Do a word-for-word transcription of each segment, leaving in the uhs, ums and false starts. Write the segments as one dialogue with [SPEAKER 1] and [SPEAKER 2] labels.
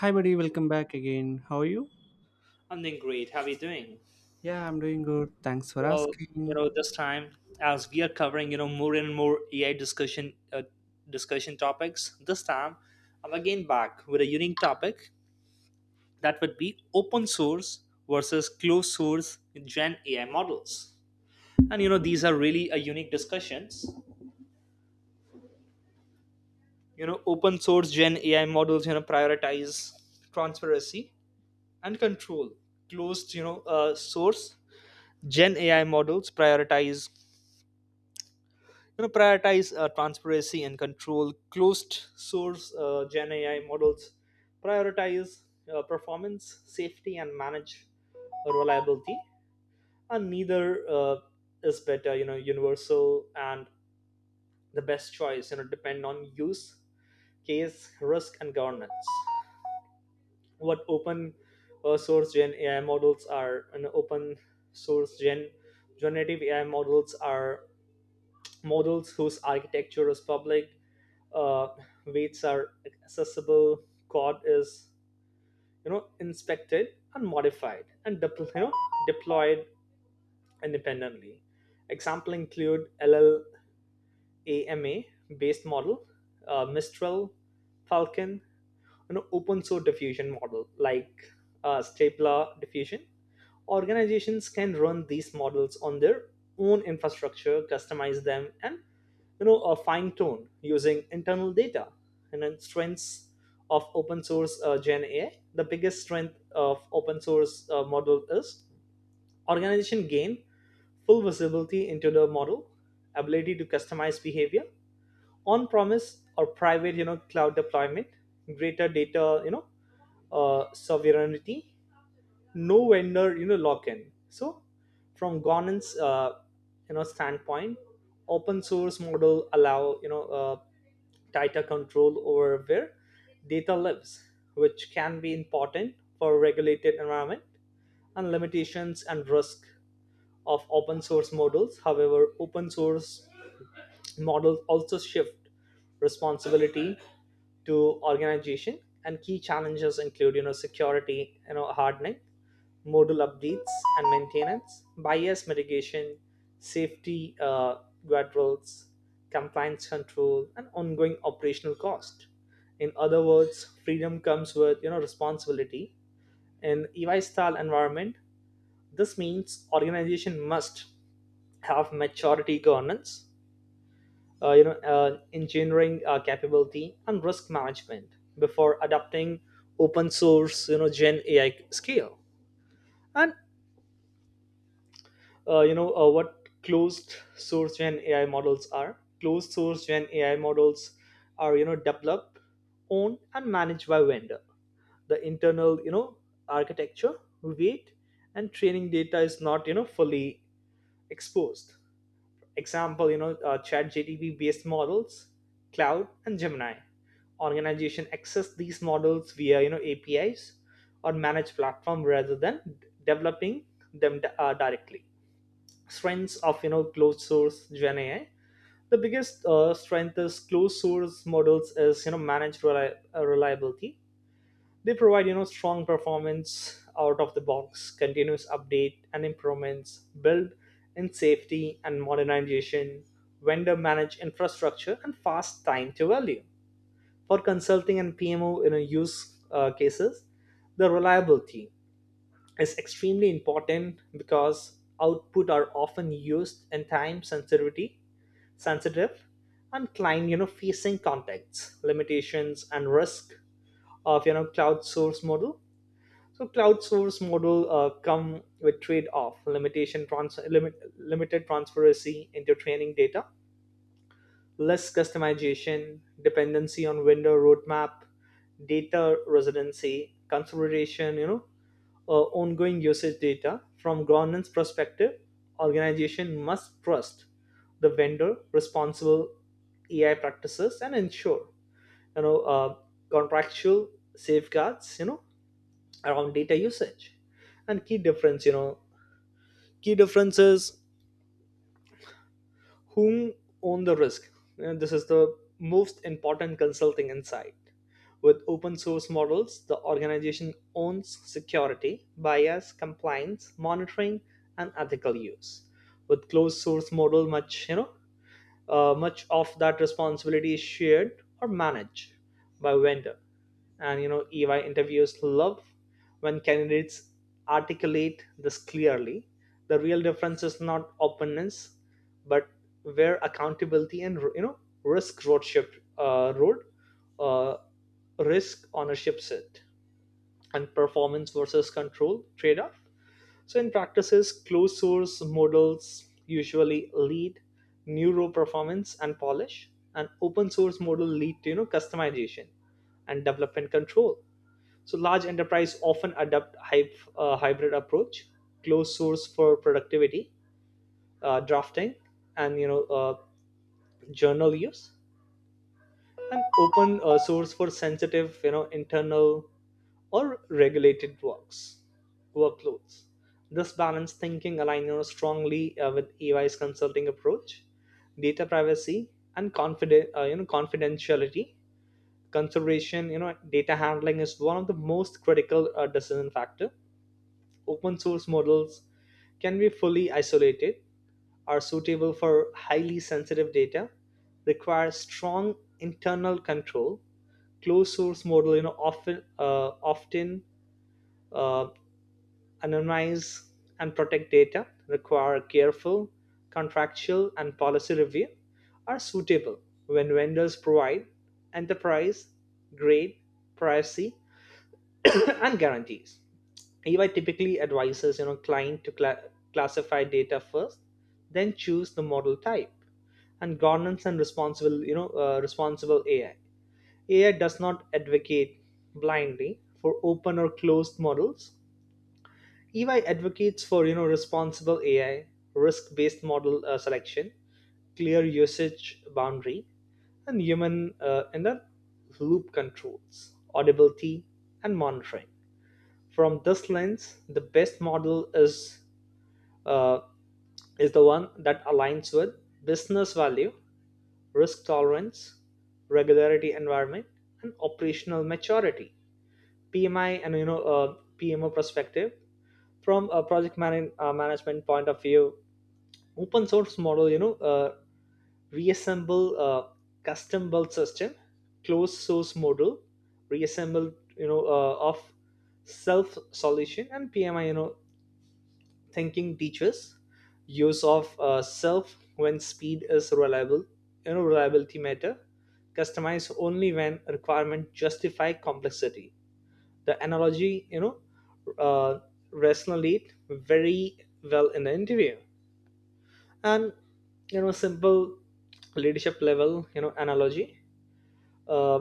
[SPEAKER 1] Hi, buddy. Welcome back again. How are you?
[SPEAKER 2] I'm doing great. How are you doing?
[SPEAKER 1] Yeah, I'm doing good. Thanks for
[SPEAKER 2] Well, you
[SPEAKER 1] asking.
[SPEAKER 2] know, this time as we are covering, you know, more and more A I discussion uh, discussion topics, this time I'm again back with a unique topic that would be open source versus closed source Gen A I models. And you know, these are really a unique discussions. You know, open source Gen A I models, you know, prioritize transparency and control. Closed, you know, uh, source Gen A I models prioritize you know prioritize uh, transparency and control. Closed source uh, gen ai models prioritize uh, performance, safety and manage reliability, and neither uh, is better you know universal, and the best choice you know depend on use case, risk and governance. What open uh, source gen ai models are, and open source gen generative ai models are models whose architecture is public, uh, weights are accessible, code is you know inspected and modified and depl- you know, deployed independently. Example include LLAMA based model, uh, Mistral, Falcon, you know open source diffusion model like uh, Stapler diffusion. Organizations can run these models on their own infrastructure, customize them, and you know uh, fine tune using internal data. And then, strengths of open source uh, gen ai: the biggest strength of open source uh, model is organization gain full visibility into the model, ability to customize behavior, on premise or private you know cloud deployment, greater data you know uh, sovereignty, no vendor you know lock in. So from governance uh, you know standpoint, open source model allow you know uh, tighter control over where data lives, which can be important for regulated environment. And limitations and risk of open source models: however, open source models also shift responsibility to organization, and key challenges include you know security, you know hardening, modal updates and maintenance, bias mitigation, safety uh, guardrails, compliance control and ongoing operational cost. In other words, freedom comes with you know responsibility. In ey style environment this means organization must have maturity, governance, uh, you know, uh, engineering uh, capability and risk management before adopting open source, you know, Gen A I scale. And uh, you know uh, what closed source Gen A I models are. Closed source Gen A I models are you know developed, owned, and managed by vendor. The internal you know architecture, weight, and training data is not you know fully exposed. Example, you know, uh, ChatGTP based models, Cloud, and Gemini. Organization access these models via you know A P Is or managed platform rather than developing them uh, directly. Strengths of you know closed source Gen A I. The biggest uh, strength is closed source models is you know managed reli- uh, reliability. They provide you know strong performance out of the box, continuous update and improvements, build in safety and modernization, vendor managed infrastructure and fast time to value for consulting and pmo you know use uh, cases. The reliability is extremely important because output are often used in time sensitivity sensitive and client you know facing contexts. Limitations and risk of you know cloud source model: so crowdsource model uh, come with trade-off, limitation trans- limit, limited transparency into training data, less customization, dependency on vendor roadmap, data residency, consideration, you know, uh, ongoing usage data. From governance perspective, organization must trust the vendor responsible A I practices and ensure, you know, uh, contractual safeguards, you know, around data usage. And key difference you know key difference is whom own the risk, and this is the most important consulting insight. With open source models the organization owns security, bias, compliance, monitoring and ethical use. With closed source model, much you know Uh, much of that responsibility is shared or managed by vendor. And you know, E Y interviews love when candidates articulate this clearly. The real difference is not openness, but where accountability and you know risk road ship uh, road uh, risk ownership sit, and performance versus control trade off. So, in practices, closed source models usually lead neuro performance and polish, and open source model lead to you know customization and development control. So, large enterprise often adopt hy- uh, hybrid approach, closed source for productivity, uh, drafting, and you know uh, journal use, and open uh, source for sensitive you know internal or regulated works workloads. This balanced thinking aligns strongly uh, with E Y's consulting approach, data privacy and confiden- uh, you know confidentiality consideration. You know, data handling is one of the most critical uh, decision factor. Open source models can be fully isolated, are suitable for highly sensitive data, require strong internal control. Closed source model, you know, often uh, often uh, anonymize and protect data, require careful contractual and policy review, are suitable when vendors provide enterprise grade privacy and guarantees. Ey typically advises you know client to cla classify data first, then choose the model type. And governance and responsible you know uh, responsible ai ai does not advocate blindly for open or closed models. E Y advocates for you know responsible A I, risk-based model uh, selection, clear usage boundary, and human uh, in the loop controls, audibility, and monitoring. From this lens, the best model is uh, is the one that aligns with business value, risk tolerance, regularity environment, and operational maturity. P M I and you know uh, P M O perspective: from a project man- uh, management point of view, open source model you know uh, reassemble uh, custom built system, closed source model reassemble you know uh, of self solution. And P M I you know thinking teaches use of uh, self when speed is reliable, you know reliability matter, customize only when requirement justify complexity. The analogy you know uh, resonate very well in the interview. And you know simple leadership level you know analogy: uh,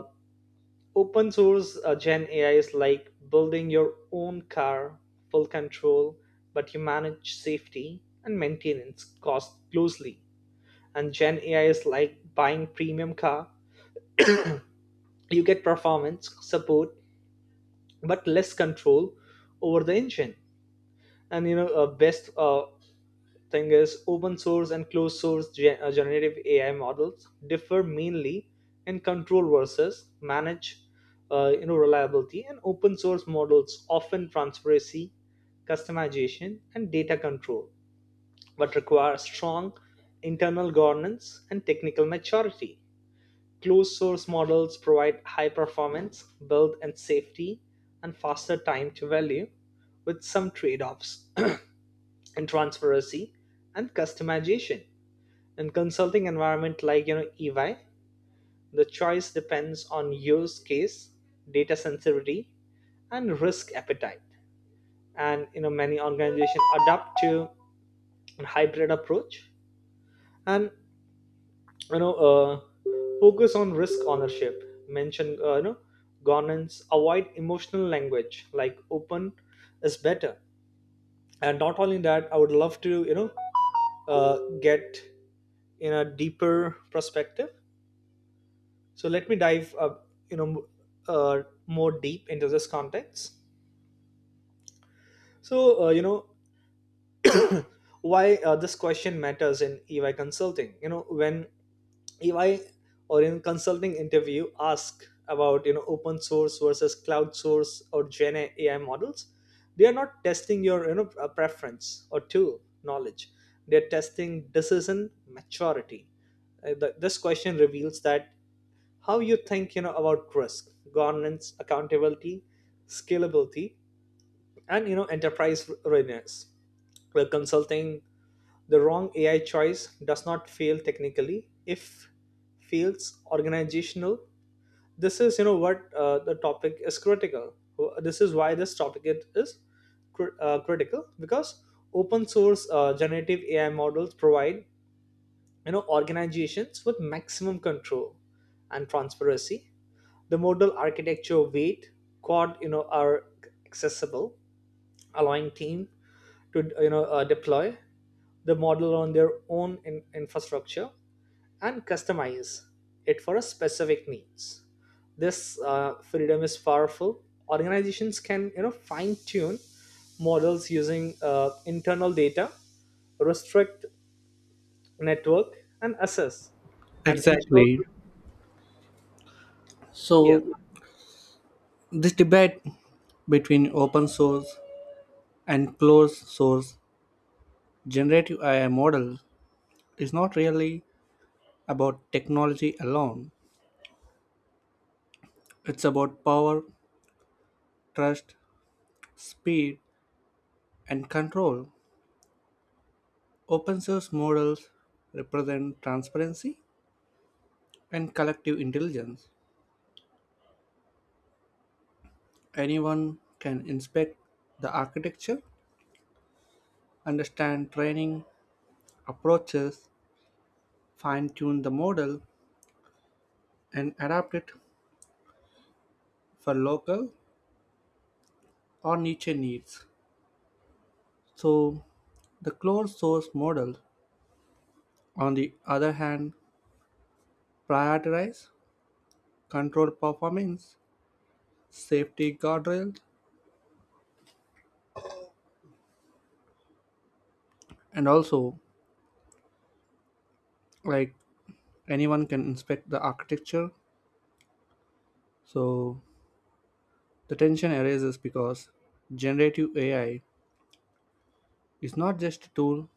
[SPEAKER 2] open source uh, gen ai is like building your own car, full control, but you manage safety and maintenance cost closely. And gen ai is like buying premium car, you get performance support, but less control over the engine. And you know uh, best uh, thing is open source and closed source gen- uh, generative ai models differ mainly in control versus manage uh, you know reliability, and open source models often transparency, customization and data control, but require strong internal governance and technical maturity. Closed source models provide high performance build and safety, and faster time to value with some trade-offs in transparency and customization. In consulting environment like you know ey, the choice depends on use case, data sensitivity and risk appetite. And you know many organizations adapt to a hybrid approach, and you know uh, focus on risk ownership, mention uh, you know governance, avoid emotional language like "open is better". And not only that, I would love to you know uh, get in a deeper perspective. So let me dive, uh, you know, uh, more deep into this context. So uh, you know why uh, this question matters in E Y consulting. You know, when E Y or in consulting interview ask about you know open source versus cloud source or Gen A I models, they are not testing your you know uh, preference or tool knowledge. They're testing decision maturity. Uh, th- this question reveals that how you think you know about risk, governance, accountability, scalability and you know enterprise readiness. Well, consulting, the wrong ai choice does not fail technically, if fails organizational. This is you know what uh, the topic is critical. This is why this topic it is cri- uh, critical, because open source uh, generative ai models provide you know organizations with maximum control and transparency. The modal architecture, weight, quad you know are accessible, allowing team to you know uh, deploy the model on their own in- infrastructure and customize it for a specific needs. This uh, freedom is powerful. Organizations can you know fine tune models using uh, internal data, restrict network, and assess and ensure.
[SPEAKER 1] Exactly.
[SPEAKER 2] Yeah,
[SPEAKER 1] So, this debate between open source and closed source generative A I model is not really about technology alone, it's about power, trust, speed, and control. Open source models represent transparency and collective intelligence. Anyone can inspect the architecture, understand training, approaches fine tune the model and adapt it for local or niche needs. So, the closed source model, on the other hand, prioritize control performance, safety guardrails, and also like anyone can inspect the architecture. So, the tension arises because generative A I is not just a tool,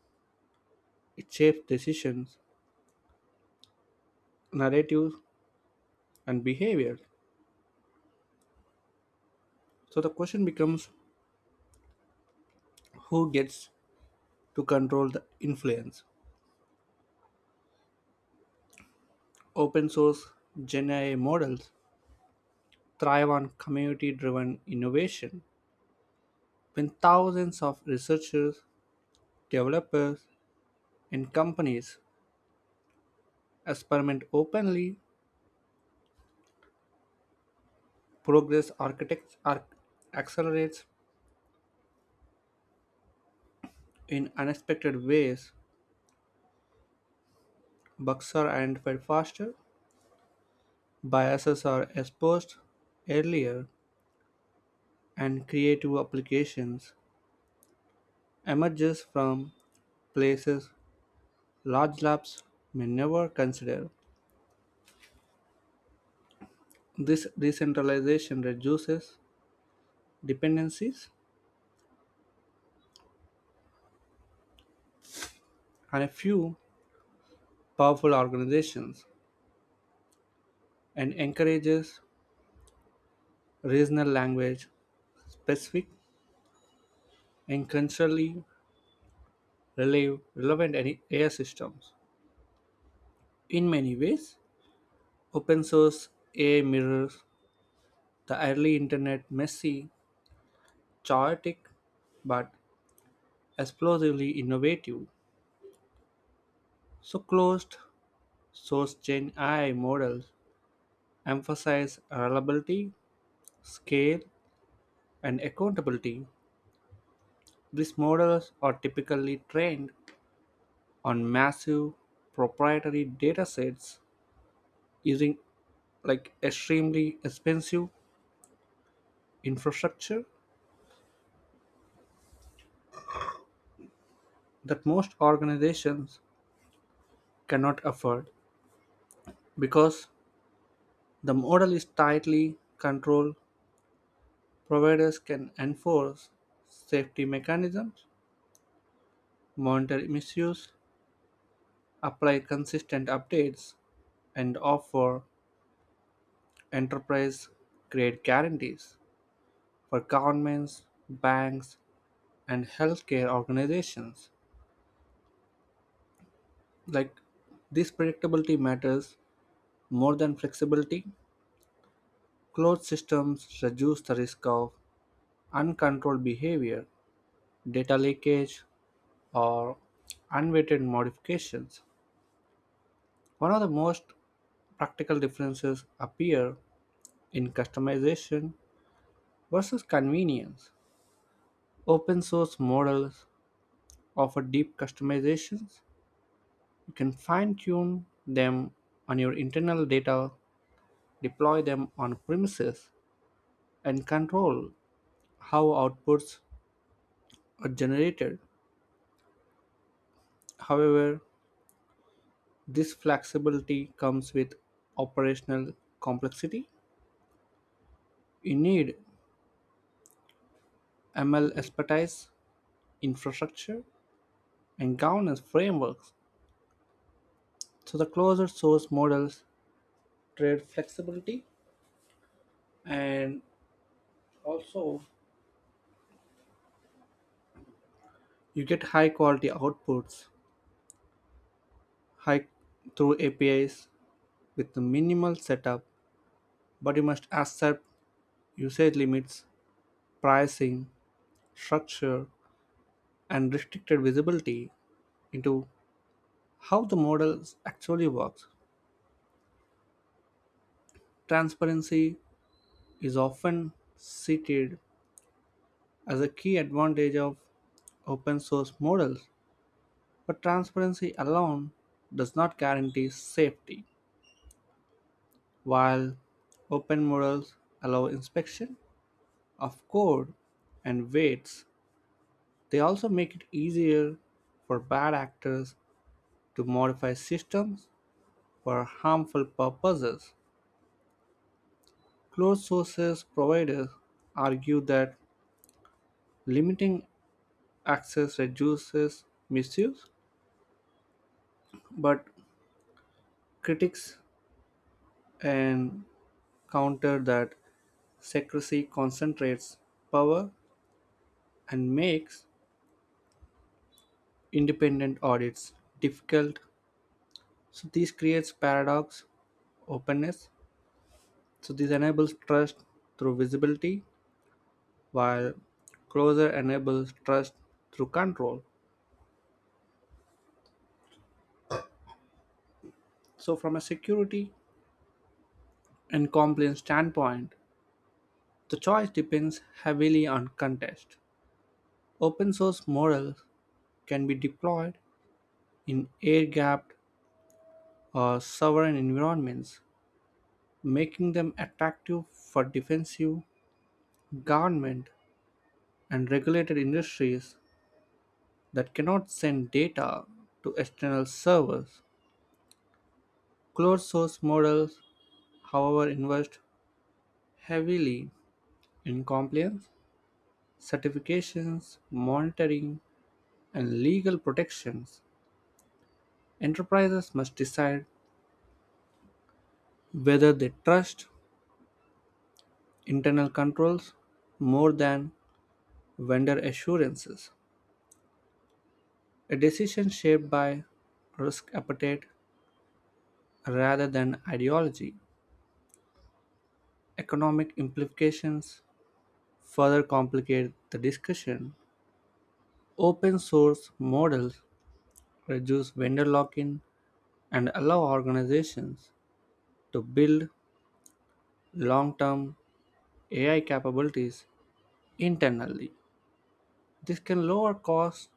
[SPEAKER 1] it shapes decisions, narratives, and behavior. So, the question becomes, who gets to control the influence? Open source Gen A I models thrive on community driven innovation. When thousands of researchers, developers, and companies experiment openly, progress architects arc- accelerates in unexpected ways. Bugs are identified faster, biases are exposed earlier, and creative applications emerges from places large labs may never consider. This decentralization reduces dependencies on a few powerful organizations and encourages regional language specific and culturally rele- relevant A I A I systems. In many ways, open source A I mirrors the early internet, messy, chaotic, but explosively innovative. So closed source Gen A I models emphasize reliability, scale, and accountability. These models are typically trained on massive proprietary datasets using like extremely expensive infrastructure that most organizations cannot afford. Because the model is tightly controlled, providers can enforce safety mechanisms, monitor misuse, apply consistent updates, and offer enterprise create guarantees for governments, banks, and healthcare organizations. Like, this predictability matters more than flexibility. Closed systems reduce the risk of uncontrolled behavior, data leakage, or unweighted modifications. One of the most practical differences appear in customization versus convenience. Open source models offer deep customizations. You can fine tune them on your internal data, deploy them on premises, and control how outputs are generated. However, this flexibility comes with operational complexity. You need M L expertise, infrastructure, and governance frameworks. So the closer source models trade flexibility, and also you get high quality outputs high through A P Is with minimal setup, but you must accept usage limits, pricing, structure, and restricted visibility into how the model actually works. Transparency is often cited as a key advantage of open source models, but transparency alone does not guarantee safety. While open models allow inspection of code and weights, they also make it easier for bad actors to modify systems for harmful purposes. Closed sources providers argue that limiting access reduces misuse, but critics and counter that secrecy concentrates power and makes independent audits difficult. So this creates paradox openness. So this enables trust through visibility, while closure enables trust through control. So, from a security and compliance standpoint, the choice depends heavily on context. Open source models can be deployed in air gapped or sovereign environments, making them attractive for defensive, government, and regulated industries that cannot send data to external servers. Closed source models, however, invest heavily in compliance, certifications, monitoring, and legal protections. Enterprises must decide whether they trust internal controls more than vendor assurances, a decision shaped by risk appetite rather than ideology. Economic implications further complicate the discussion. Open source models reduce vendor lock in and allow organizations to build long term A I capabilities internally. This can lower costs,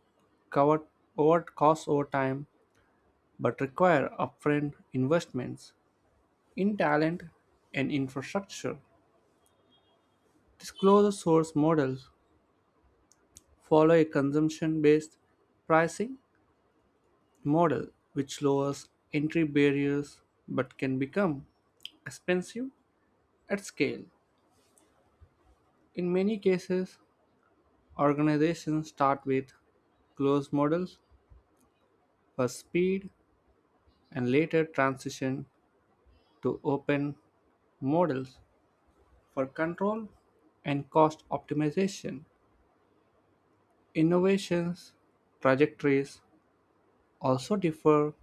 [SPEAKER 1] cover over costs over time, but require upfront investments in talent and infrastructure. These closed source models follow a consumption based pricing model, which lowers entry barriers but can become expensive at scale. In many cases, organizations start with closed models for speed and later transitioned to open models for control and cost optimization. Innovations trajectories also differ.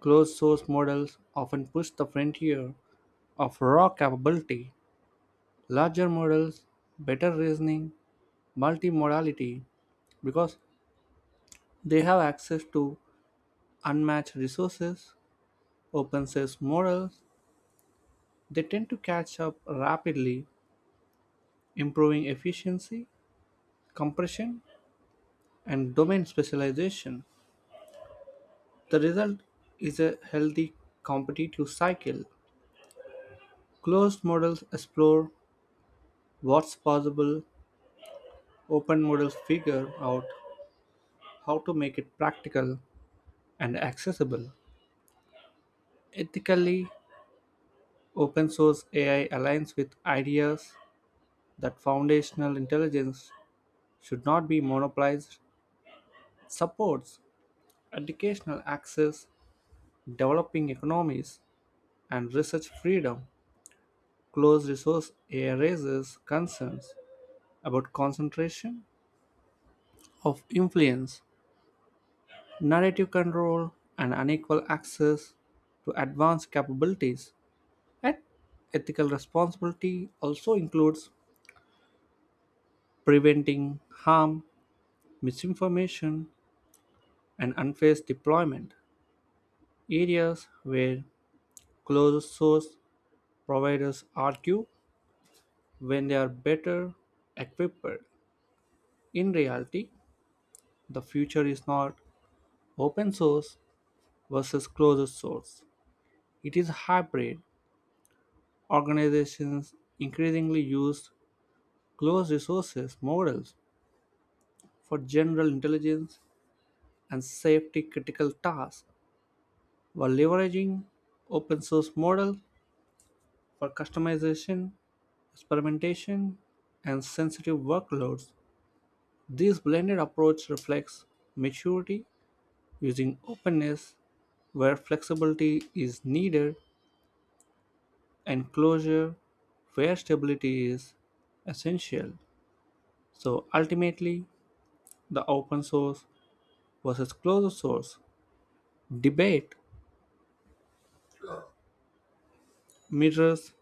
[SPEAKER 1] Closed source models often push the frontier of raw capability. Larger models, better reasoning, multimodality, because they have access to unmatched resources. Open source models, they tend to catch up rapidly, improving efficiency compression, and domain specialization. The result is a healthy competitive cycle. Closed models explore what's possible, open models figure out how to make it practical and accessible. Ethically, open source A I aligns with ideas that foundational intelligence should not be monopolized, supports educational access, developing economies, and research freedom. Closed resource A raises concerns about concentration of influence, narrative control, and unequal access to advanced capabilities. And ethical responsibility also includes preventing harm, misinformation, and unfair deployment, areas where closed source providers argue when they are better equipped. In reality, the future is not open source versus closed source. It is hybrid. Organizations increasingly use closed resources models for general intelligence and safety critical tasks, while leveraging open source models for customization, experimentation, and sensitive workloads. This blended approach reflects maturity, using openness where flexibility is needed, enclosure where stability is essential. So ultimately, the open source versus closed source debate mirrors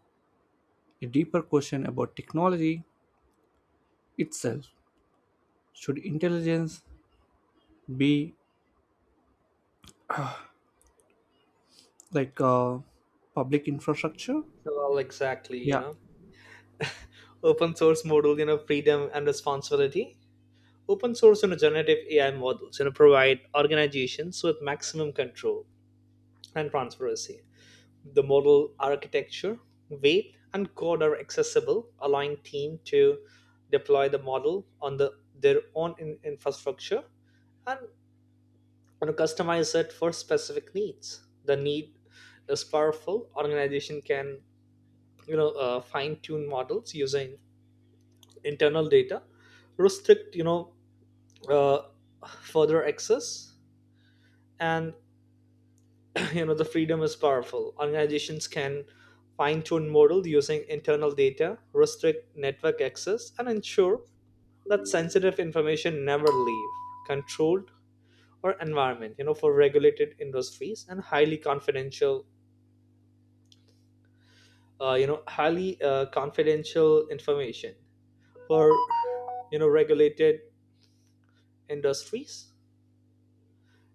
[SPEAKER 1] a deeper question about technology itself. Should intelligence be like a public infrastructure?
[SPEAKER 2] so, well, exactly, you
[SPEAKER 1] Yeah,
[SPEAKER 2] know. open source model, you know freedom and responsibility. Open source and generative ai models you know provide organizations with maximum control and transparency. The model architecture, weight and code are accessible, allowing team to deploy the model on the, their own in- infrastructure and, you know, customize it for specific needs. The need is powerful, organization can you know uh, fine tune models using internal data, restrict you know uh, further access. And you know the freedom is powerful, organizations can fine-tune models using internal data, restrict network access and ensure that sensitive information never leave controlled or environment. you know for regulated industries and highly confidential, uh, you know highly uh, confidential information for you know regulated industries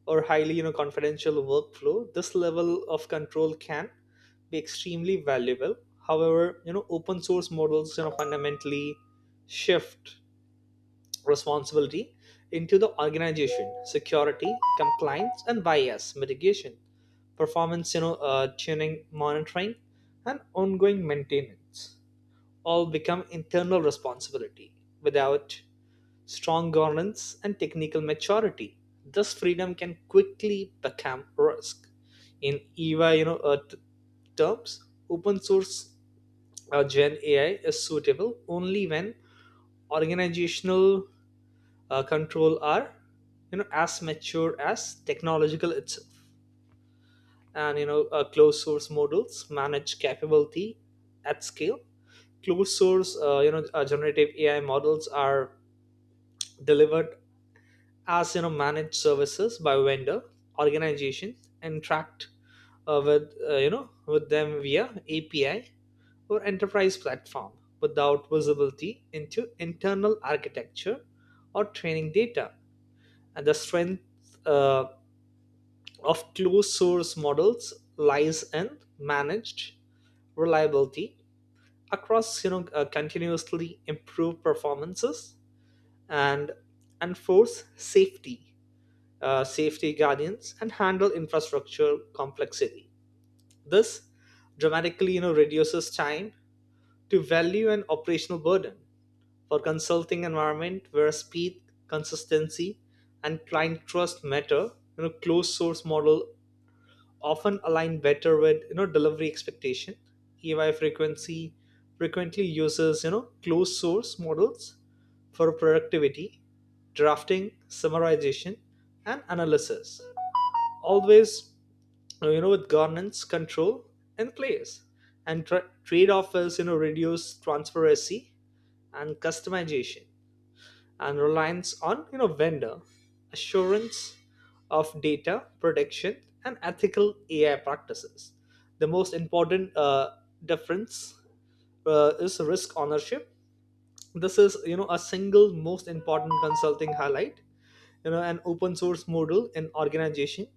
[SPEAKER 2] or highly you know confidential workflow, this level of control can be extremely valuable. However, you know open source models you know fundamentally shift responsibility into the organization. Security, compliance and bias mitigation, performance you know uh, tuning, monitoring and ongoing maintenance all become internal responsibility without strong governance, and technical maturity. This freedom can quickly become risk. In E Y, you know, uh, t- terms, open source uh, Gen A I is suitable only when organizational uh, control are, you know, as mature as technological itself. And you know, uh, closed source models manage capability at scale. Closed source, uh, you know, uh, generative A I models are delivered as you know managed services by vendor organization, and tracked uh, with uh, you know with them via A P I or enterprise platform without visibility into internal architecture or training data. And the strength uh, of closed source models lies in managed reliability across you know uh, continuously improve performances, and enforce safety uh, safety guardians, and handle infrastructure complexity. This dramatically, you know, reduces time to value and operational burden for consulting environment where speed, consistency, and client trust matter. You know, closed source model often align better with you know delivery expectation. E Y frequency frequently uses you know closed source models for productivity, drafting, summarization, and analysis, always uh, you know with governance control in place. And tra- trade-off is you know reduce transparency and customization, and reliance on you know vendor assurance of data protection and ethical ai practices. The most important uh, difference uh, is risk ownership. This is you know a single most important consulting highlight. you know an open source model in organization,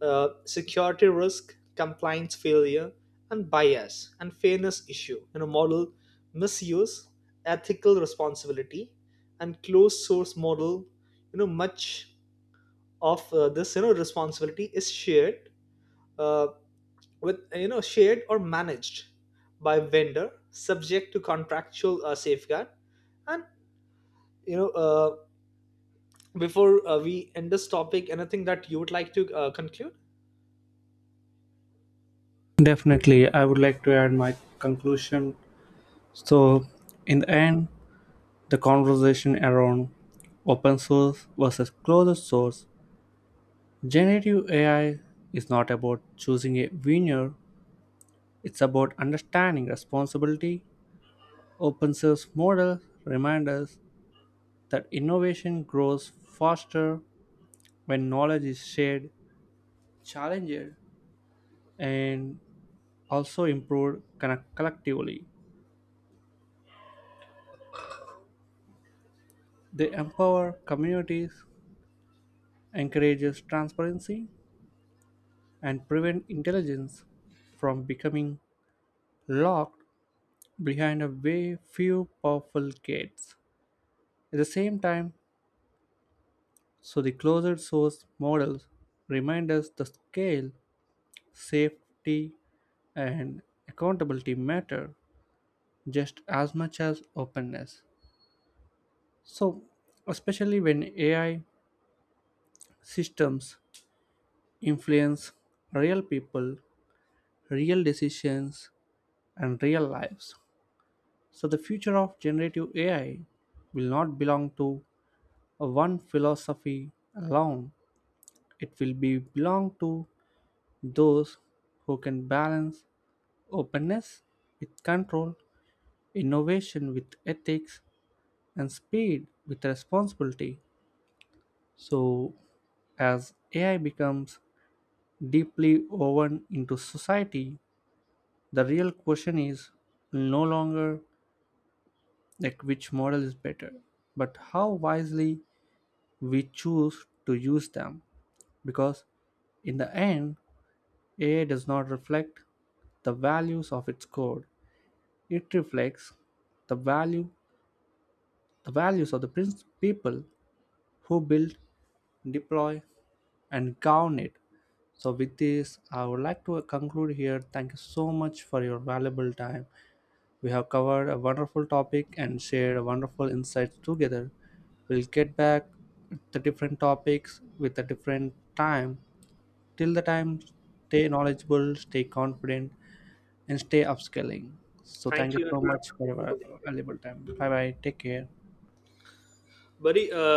[SPEAKER 2] uh, security risk, compliance failure, and bias and fairness issue. You know, model misuse, ethical responsibility. And closed source model, You know, much of uh, this, you know responsibility is shared uh, with you know shared or managed by vendor, subject to contractual uh, safeguard. And you know, uh, before uh, we end this topic, anything that you would like to uh, conclude?
[SPEAKER 1] definitely. I would like to add my conclusion. So, in the end, the conversation around open source versus closed source generative A I is not about choosing a winner, it's about understanding responsibility. Open source model remind us that innovation grows faster when knowledge is shared, challenged, and also improved conne- collectively. They empower communities, encourages transparency, and prevent intelligence from becoming locked behind a way few powerful gates. At the same time, so the closed source models remind us the scale, safety, and accountability matter just as much as openness. So, especially when A I systems influence real people, real decisions, and real lives. So, the future of generative A I will not belong to a one philosophy alone, it will be belong to those who can balance openness with control, innovation with ethics, and speed with responsibility. So, as A I becomes deeply woven into society, the real question is no longer like which model is better, but how wisely we choose to use them. Because in the end, A I does not reflect the values of its code, it reflects the value The values of the prince people who build, deploy, and govern it. So, with this, I would like to conclude here. Thank you so much for your valuable time. We have covered a wonderful topic and shared a wonderful insights together. We'll get back the different topics with a different time. Till the time, stay knowledgeable, stay confident, and stay upscaling. So, thank
[SPEAKER 2] Thank
[SPEAKER 1] you
[SPEAKER 2] you and
[SPEAKER 1] so
[SPEAKER 2] have
[SPEAKER 1] much
[SPEAKER 2] a
[SPEAKER 1] for
[SPEAKER 2] wonderful
[SPEAKER 1] your
[SPEAKER 2] day.
[SPEAKER 1] valuable time. Bye bye. Take care.
[SPEAKER 2] buddy uh,